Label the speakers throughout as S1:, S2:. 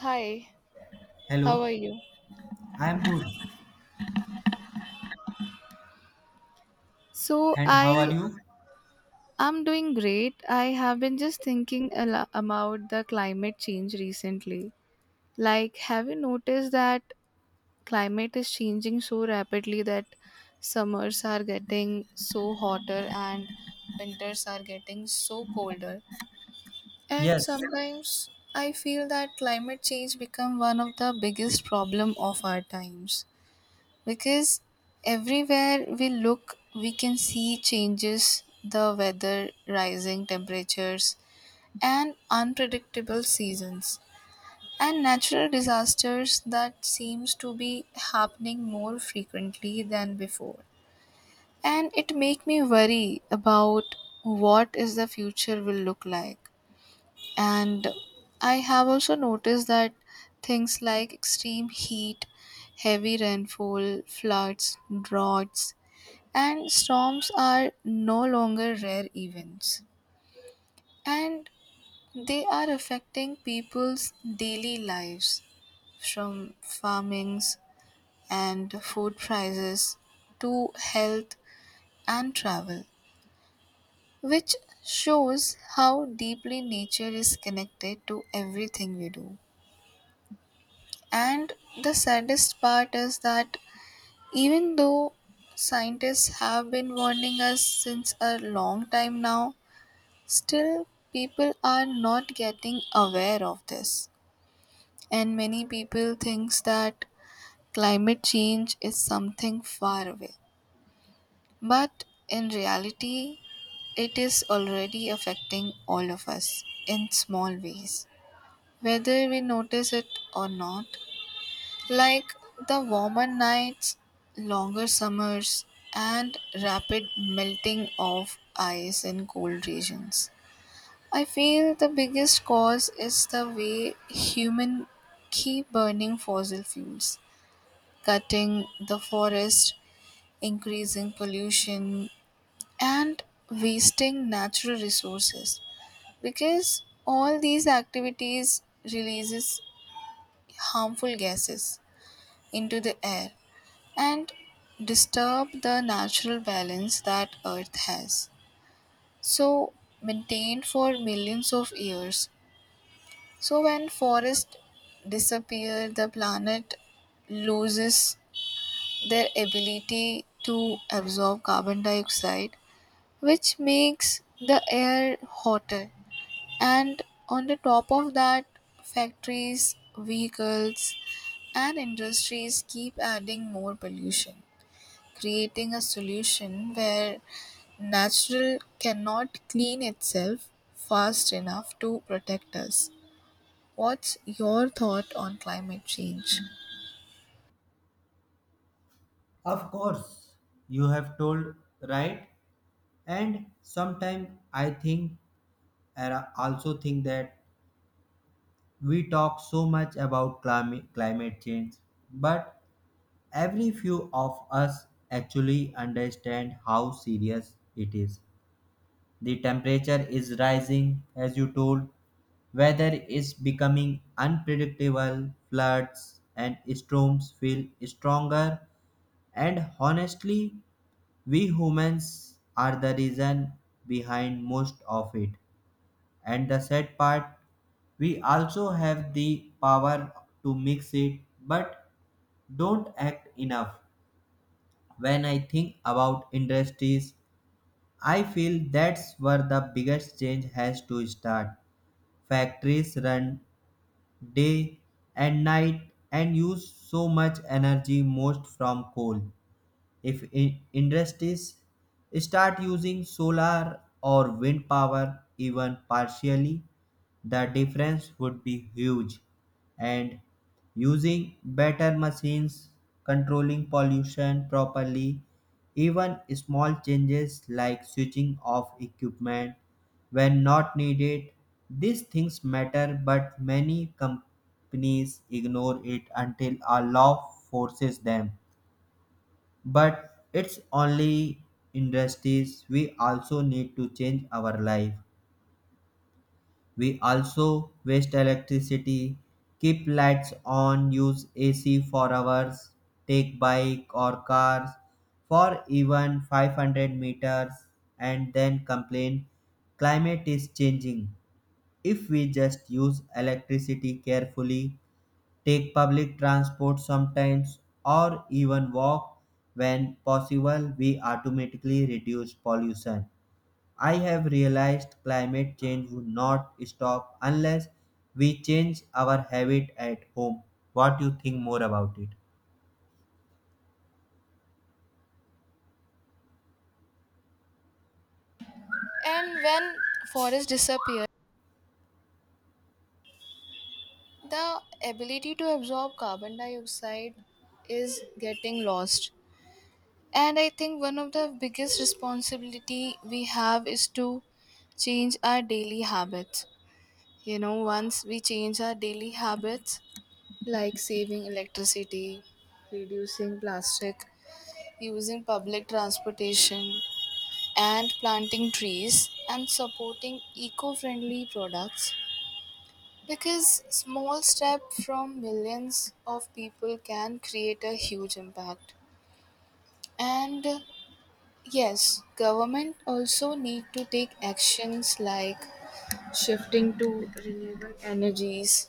S1: Hi, how
S2: Hello,
S1: are you?
S2: I am good.
S1: So
S2: And how are
S1: I
S2: you?
S1: am doing great. I have been just thinking about the climate change recently. Like, have you noticed that climate is changing so rapidly that summers are getting so hotter and winters are getting so colder? And
S2: Yes,
S1: sometimes I feel that climate change become one of the biggest problem of our times, because everywhere we look we can see changes, the weather, rising temperatures and unpredictable seasons and natural disasters that seems to be happening more frequently than before, and it make me worry about what is the future will look like. And I have also noticed that things like extreme heat, heavy rainfall, floods, droughts, and storms are no longer rare events. And they are affecting people's daily lives, from farmings and food prices to health and travel, which shows how deeply nature is connected to everything we do. And the saddest part is that even though scientists have been warning us since a long time now, still, people are not getting aware of this, and many people thinks that climate change is something far away. But in reality, it is already affecting all of us in small ways, whether we notice it or not. Like the warmer nights, longer summers, and rapid melting of ice in cold regions. I feel the biggest cause is the way human keep burning fossil fuels, cutting the forest, increasing pollution, and wasting natural resources. Because all these activities releases harmful gases into the air and disturb the natural balance that earth has. So maintained for millions of years, so when forests disappear, the planet loses their ability to absorb carbon dioxide, which makes the air hotter. And on the top of that, factories, vehicles, and industries keep adding more pollution, creating a solution where natural cannot clean itself fast enough to protect us. What's your thought on climate change?
S2: of course. You have told right. And sometimes I also think that we talk so much about climate change, but every few of us actually understand how serious it is. The temperature is rising, as you told. Weather is becoming unpredictable. Floods and storms feel stronger. And honestly, we humans are the reason behind most of it. And the sad part, we also have the power to mix it but don't act enough. When I think about industries, I feel that's where the biggest change has to start. Factories run day and night and use so much energy, most from coal. If I- Industries start using solar or wind power even partially, the difference would be huge, and using better machines, controlling pollution properly, even small changes like switching off equipment when not needed, these things matter, but many companies ignore it until a law forces them. But it's only industries. We also need to change our life. We also waste electricity, keep lights on, use AC for hours, take bike or cars for even 500 meters, and then complain climate is changing. If we just use electricity carefully, take public transport sometimes, or even walk when possible, we automatically reduce pollution. I have realized climate change would not stop unless we change our habit at home. What do you think more about it?
S1: And when forests disappear, the ability to absorb carbon dioxide is getting lost. And I think one of the biggest responsibility we have is to change our daily habits. You know, once we change our daily habits, like saving electricity, reducing plastic, using public transportation, and planting trees and supporting eco-friendly products, because small step from millions of people can create a huge impact. And yes, government also need to take actions like shifting to renewable energies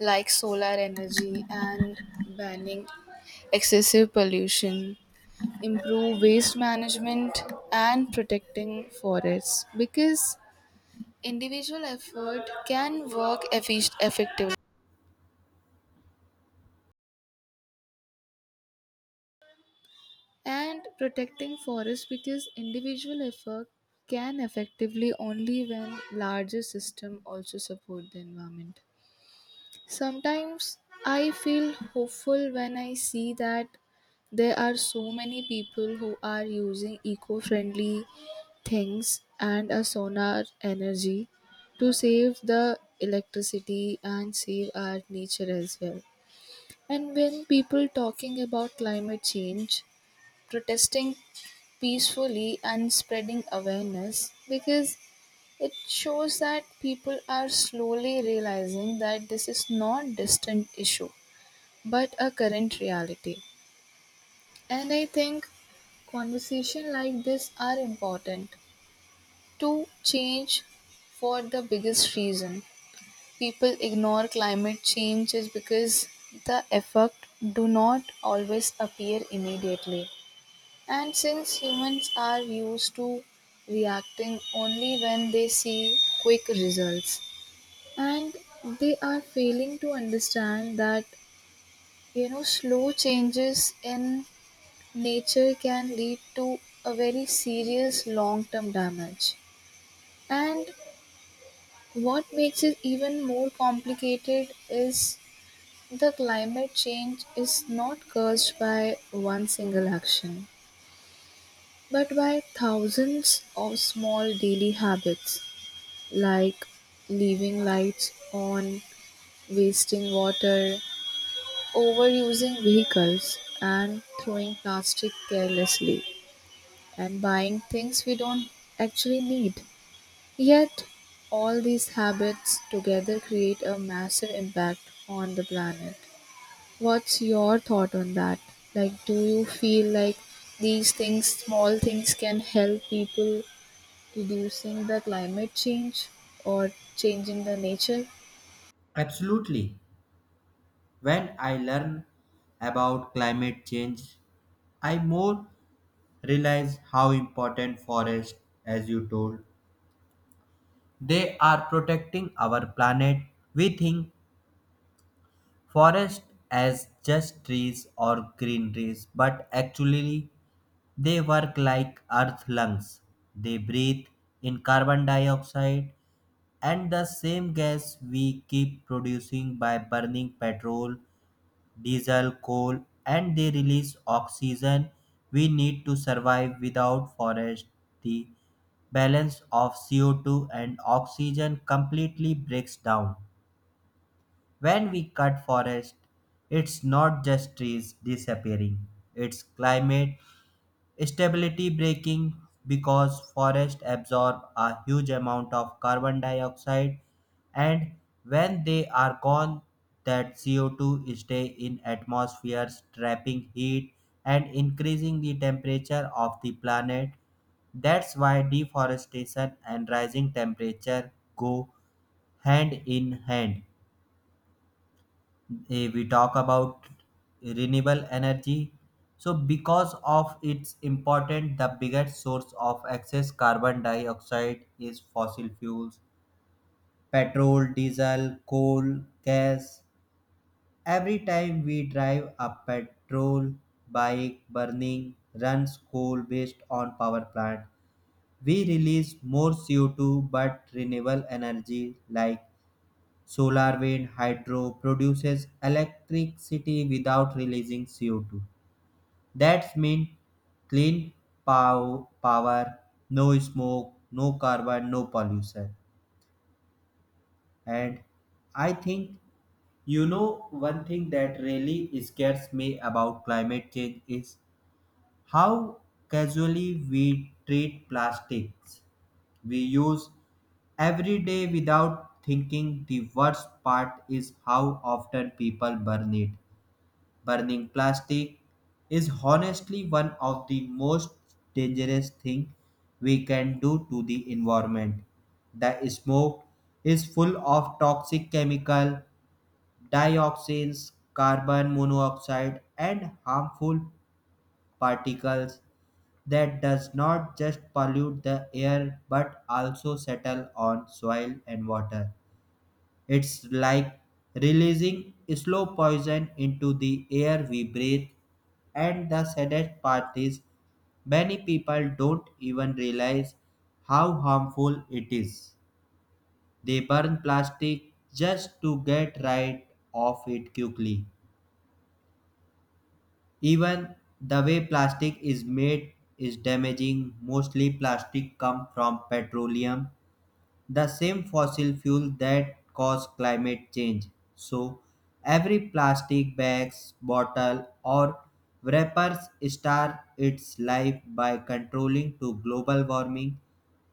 S1: like solar energy and banning excessive pollution, improve waste management, and protecting forests, because individual effort can work effectively and protecting forests because individual effort can effectively only when larger system also support the environment. Sometimes I feel hopeful when I see that there are so many people who are using eco-friendly things and a solar energy to save the electricity and save our nature as well. And when people talking about climate change, protesting peacefully and spreading awareness, because it shows that people are slowly realizing that this is not distant issue but a current reality. And I think conversation like this are important to change, for the biggest reason people ignore climate change is because the effect do not always appear immediately, and since humans are used to reacting only when they see quick results, and they are failing to understand that, slow changes in nature can lead to a very serious long term damage. And what makes it even more complicated is the climate change is not caused by one single action, but by thousands of small daily habits, like leaving lights on, wasting water, overusing vehicles, and throwing plastic carelessly, and buying things we don't actually need. Yet, all these habits together create a massive impact on the planet. What's your thought on that? Like, do you feel like these things, small things, can help people reducing the climate change or changing the nature?
S2: Absolutely. When I learn about climate change, I more realize how important forests, as you told, they are protecting our planet. We think forest as just trees or greeneries, but actually they work like earth lungs. They breathe in carbon dioxide, and the same gas we keep producing by burning petrol, diesel, coal, and they release oxygen we need to survive. Without forest, the balance of CO2 and oxygen completely breaks down. When we cut forest, it's not just trees disappearing, it's climate stability breaking, because forests absorb a huge amount of carbon dioxide, and when they are gone, that CO2 stay in atmospheres, trapping heat and increasing the temperature of the planet. That's why deforestation and rising temperature go hand in hand. We talk about renewable energy, so because of its important, the biggest source of excess carbon dioxide is fossil fuels, petrol, diesel, coal, gas. Every time we drive a petrol bike, burning, runs coal based on power plant, we release more CO2. But renewable energy like solar, wind, hydro produces electricity without releasing CO2. That's mean clean power, no smoke, no carbon, no pollution. And I think, you know, one thing that really scares me about climate change is how casually we treat plastics. We use every day without thinking. The worst part is how often people burn it. Burning plastic is honestly one of the most dangerous thing we can do to the environment. The smoke is full of toxic chemical, dioxins, carbon monoxide, and harmful particles that does not just pollute the air but also settle on soil and water. It's like releasing slow poison into the air we breathe. And the saddest part is, many people don't even realize how harmful it is. They burn plastic just to get rid of it quickly. Even the way plastic is made is damaging. Mostly plastic come from petroleum, the same fossil fuel that caused climate change. So, every plastic bag, bottle, or wrappers start its life by controlling to global warming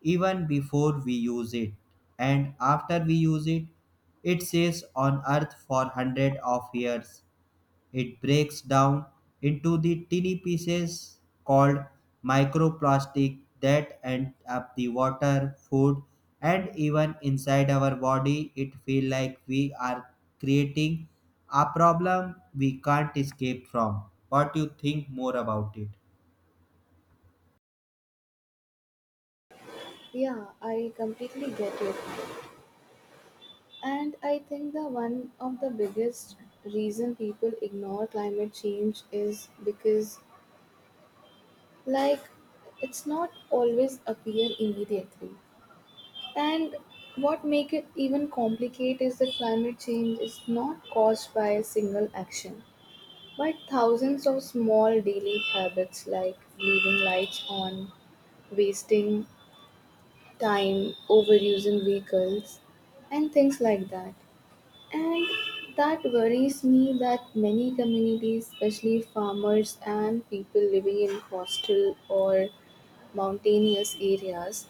S2: even before we use it. And after we use it, it stays on Earth for hundreds of years. It breaks down into the tiny pieces called microplastic that end up the water, food, and even inside our body. It feels like we are creating a problem we can't escape from. What do you think more about it?
S1: Yeah, I completely get it. And I think the one of the biggest reason people ignore climate change is because, like, it's not always appear immediately. And what make it even complicate is that climate change is not caused by a single action, but thousands of small daily habits, like leaving lights on, wasting time, overusing vehicles, and things like that. And that worries me that many communities, especially farmers and people living in coastal or mountainous areas,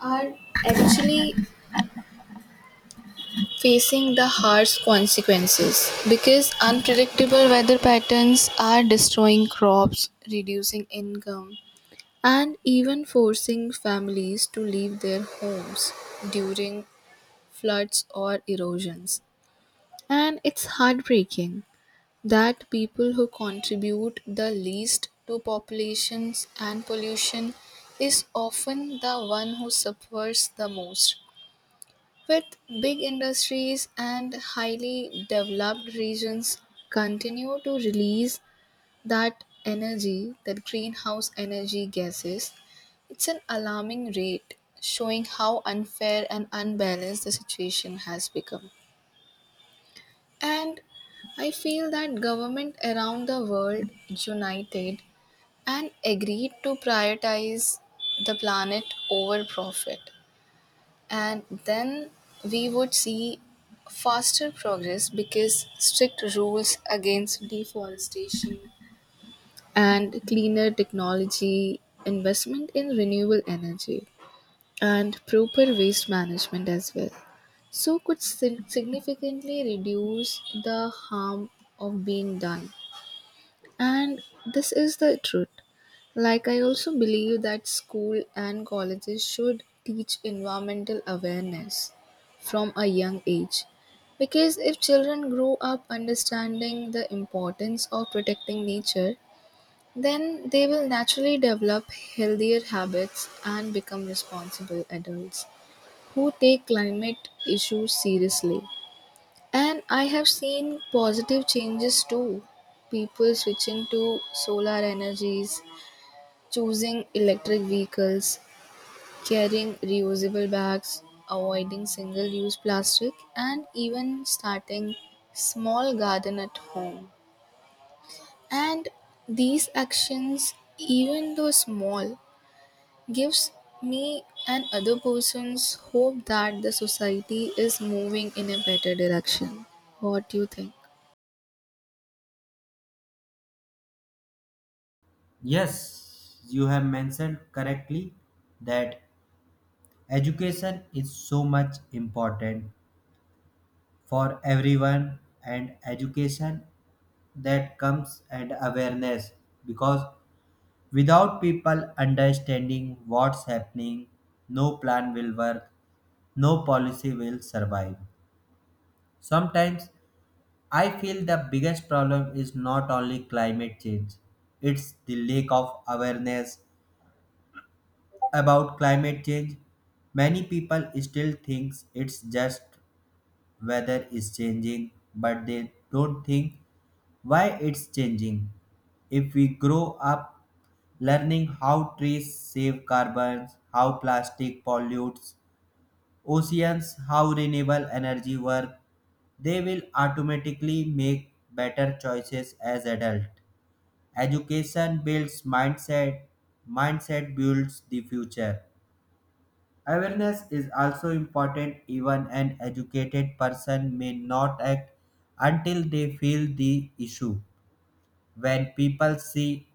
S1: are actually facing the harsh consequences, because unpredictable weather patterns are destroying crops, reducing income, and even forcing families to leave their homes during floods or erosions. And it's heartbreaking that people who contribute the least to populations and pollution is often the one who suffers the most, with big industries and highly developed regions continue to release that energy, that greenhouse energy gases, it's an alarming rate, showing how unfair and unbalanced the situation has become. And I feel that government around the world united and agreed to prioritize the planet over profit, and then we would see faster progress, because strict rules against deforestation and cleaner technology, investment in renewable energy, and proper waste management as well, so could significantly reduce the harm of being done. And this is the truth. Like, I also believe that school and colleges should teach environmental awareness from a young age. Because if children grow up understanding the importance of protecting nature, then they will naturally develop healthier habits and become responsible adults who take climate issues seriously. And I have seen positive changes too. People switching to solar energies, choosing electric vehicles, carrying reusable bags, avoiding single use plastic, and even starting small garden at home. And these actions, even though small, gives me and other persons hope that the society is moving in a better direction. What do you think?
S2: Yes, you have mentioned correctly that education is so much important for everyone, and education that comes and awareness, because without people understanding what's happening, no plan will work, no policy will survive. Sometimes I feel the biggest problem is not only climate change, it's the lack of awareness about climate change. Many people still thinks it's just weather is changing, but they don't think why it's changing. If we grow up learning how trees save carbon, how plastic pollutes oceans, how renewable energy works, they will automatically make better choices as adults. Education builds mindset, mindset builds the future. Awareness is also important. Even an educated person may not act until they feel the issue. When people see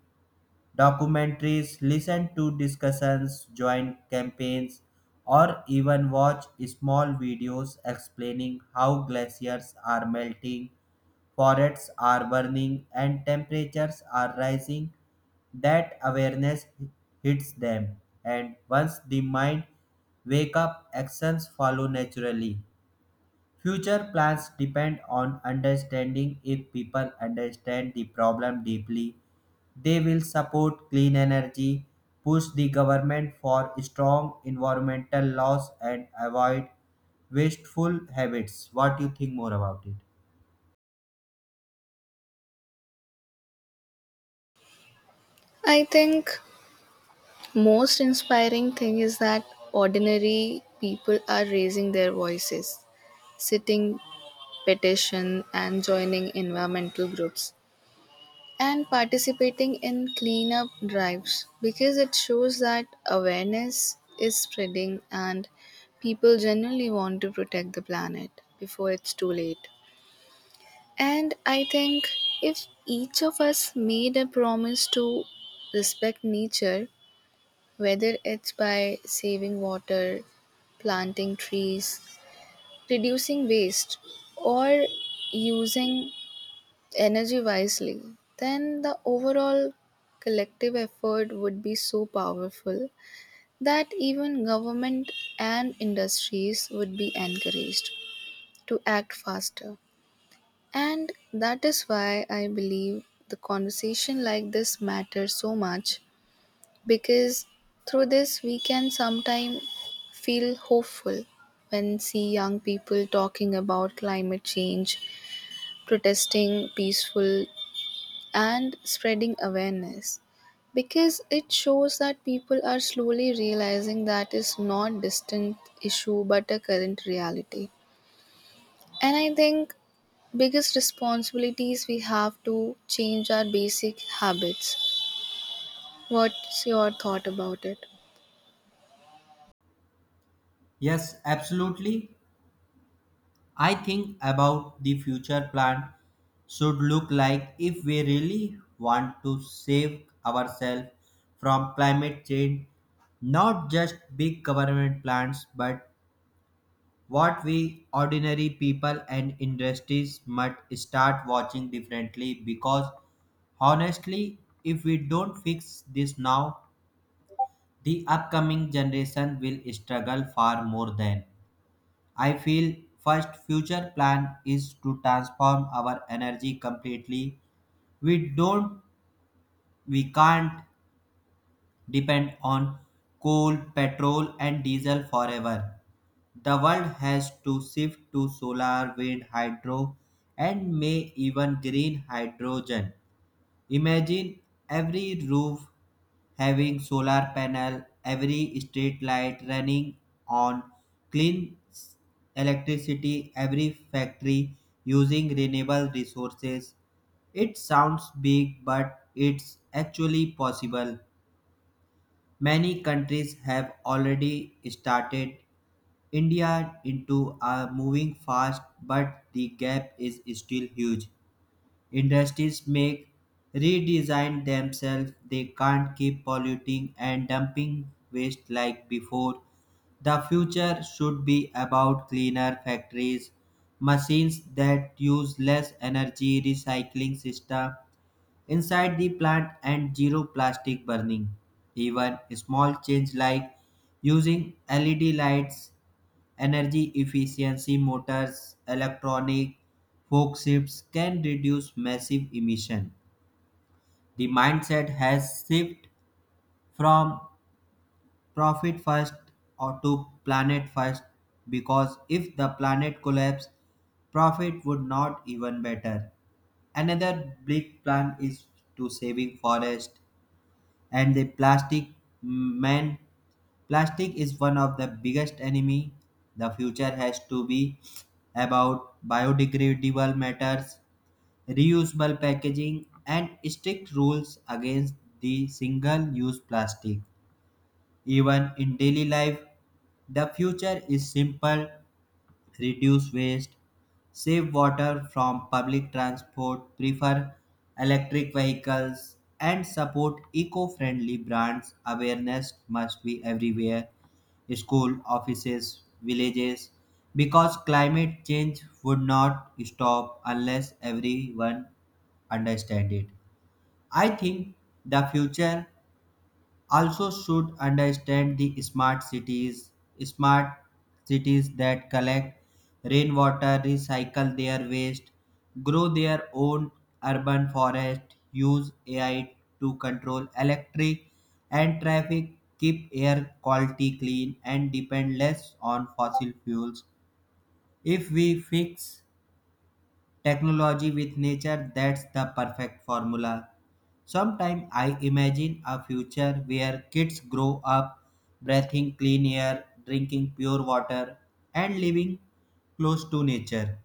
S2: documentaries, listen to discussions, join campaigns, or even watch small videos explaining how glaciers are melting, forests are burning, and temperatures are rising, that awareness hits them, and once the mind wake up, actions follow naturally. Future plans depend on understanding. If people understand the problem deeply, they will support clean energy, push the government for strong environmental laws, and avoid wasteful habits. What do you think more about it?
S1: I think most inspiring thing is that ordinary people are raising their voices, sitting petition and joining environmental groups and participating in cleanup drives, because it shows that awareness is spreading and people generally want to protect the planet before it's too late. And I think if each of us made a promise to respect nature, whether it's by saving water, planting trees, reducing waste, or using energy wisely, then the overall collective effort would be so powerful that even government and industries would be encouraged to act faster. And that is why I believe the conversation like this matters so much, because through this we can sometimes feel hopeful when see young people talking about climate change, protesting peaceful and spreading awareness, because it shows that people are slowly realizing that is not distant issue but a current reality. And I think biggest responsibilities we have to change our basic habits. What's your thought about it?
S2: Yes, absolutely. I think about the future plan should look like if we really want to save ourselves from climate change, not just big government plans, but what we ordinary people and industries must start watching differently, because honestly, if we don't fix this now, the upcoming generation will struggle far more than. I feel first future plan is to transform our energy completely. We don't we can't depend on coal, petrol, and diesel forever. The world has to shift to solar, wind, hydro, and may even green hydrogen. Imagine every roof having solar panel, every street light running on clean electricity, every factory using renewable resources. It sounds big, but it's actually possible. Many countries have already started. India into are moving fast, but the gap is still huge. Industries make redesign themselves. They can't keep polluting and dumping waste like before. The future should be about cleaner factories, machines that use less energy, recycling system inside the plant, and zero plastic burning. Even small change like using LED lights, energy efficiency motors, electronic forklifts can reduce massive emission. The mindset has shifted from profit first or to planet first, because if the planet collapsed, profit would not even matter. Another big plan is to saving forest and the plastic man. Plastic is one of the biggest enemy. The future has to be about biodegradable matters, reusable packaging, and strict rules against the single-use plastic. Even in daily life, the future is simple, reduce waste, save water, from public transport, prefer electric vehicles, and support eco friendly brands. Awareness must be everywhere, school, offices, villages, because climate change would not stop unless everyone understands it. I think the future also should understand the smart cities, smart cities that collect rainwater, recycle their waste, grow their own urban forest, use AI to control electric and traffic, keep air quality clean, and depend less on fossil fuels. If we fix technology with nature, that's the perfect formula. Sometimes I imagine a future where kids grow up breathing clean air, drinking pure water, and living close to nature.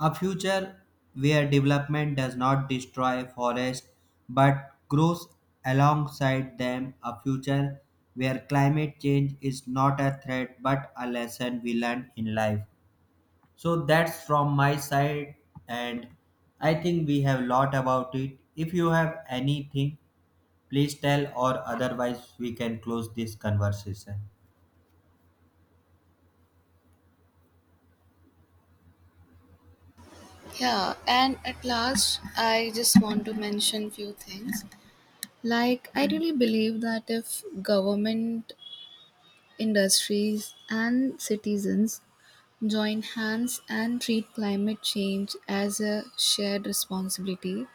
S2: A future where development does not destroy forests but grows alongside them. A future where climate change is not a threat but a lesson we learn in life. So that's from my side, and I think we have lot about it. If you have anything, please tell, or otherwise, we can close this conversation.
S1: Yeah, and at last, I just want to mention few things. Like, I really believe that if government, industries, and citizens join hands and treat climate change as a shared responsibility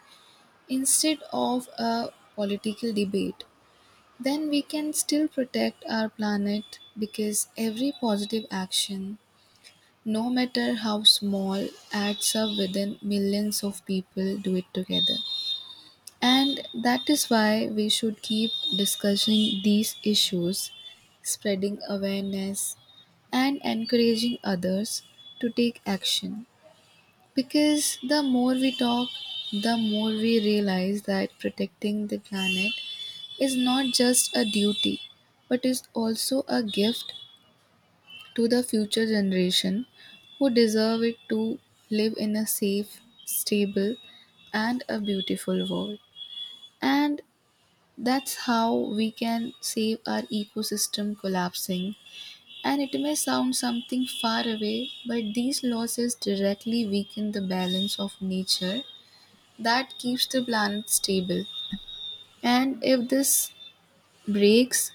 S1: instead of a political debate, then we can still protect our planet, because every positive action, no matter how small, adds up within millions of people do it together. And that is why we should keep discussing these issues, spreading awareness, and encouraging others to take action. Because the more we talk, the more we realize that protecting the planet is not just a duty, but is also a gift to the future generation who deserve it to live in a safe, stable, and a beautiful world. And that's how we can save our ecosystem collapsing. And it may sound something far away, but these losses directly weaken the balance of nature that keeps the planet stable. And if this breaks,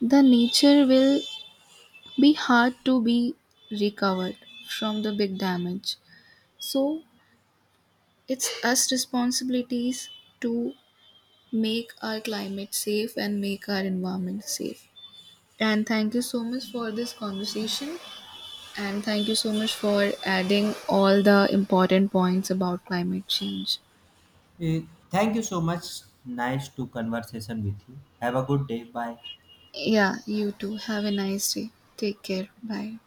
S1: the nature will be hard to be recovered from the big damage. So it's us responsibilities to make our climate safe and make our environment safe. And thank you so much for this conversation. And thank you so much for adding all the important points about climate change.
S2: Eh, Thank you so much. Nice to conversation with you. Have a good day. Bye.
S1: Yeah, you too. Have a nice day. Take care. Bye.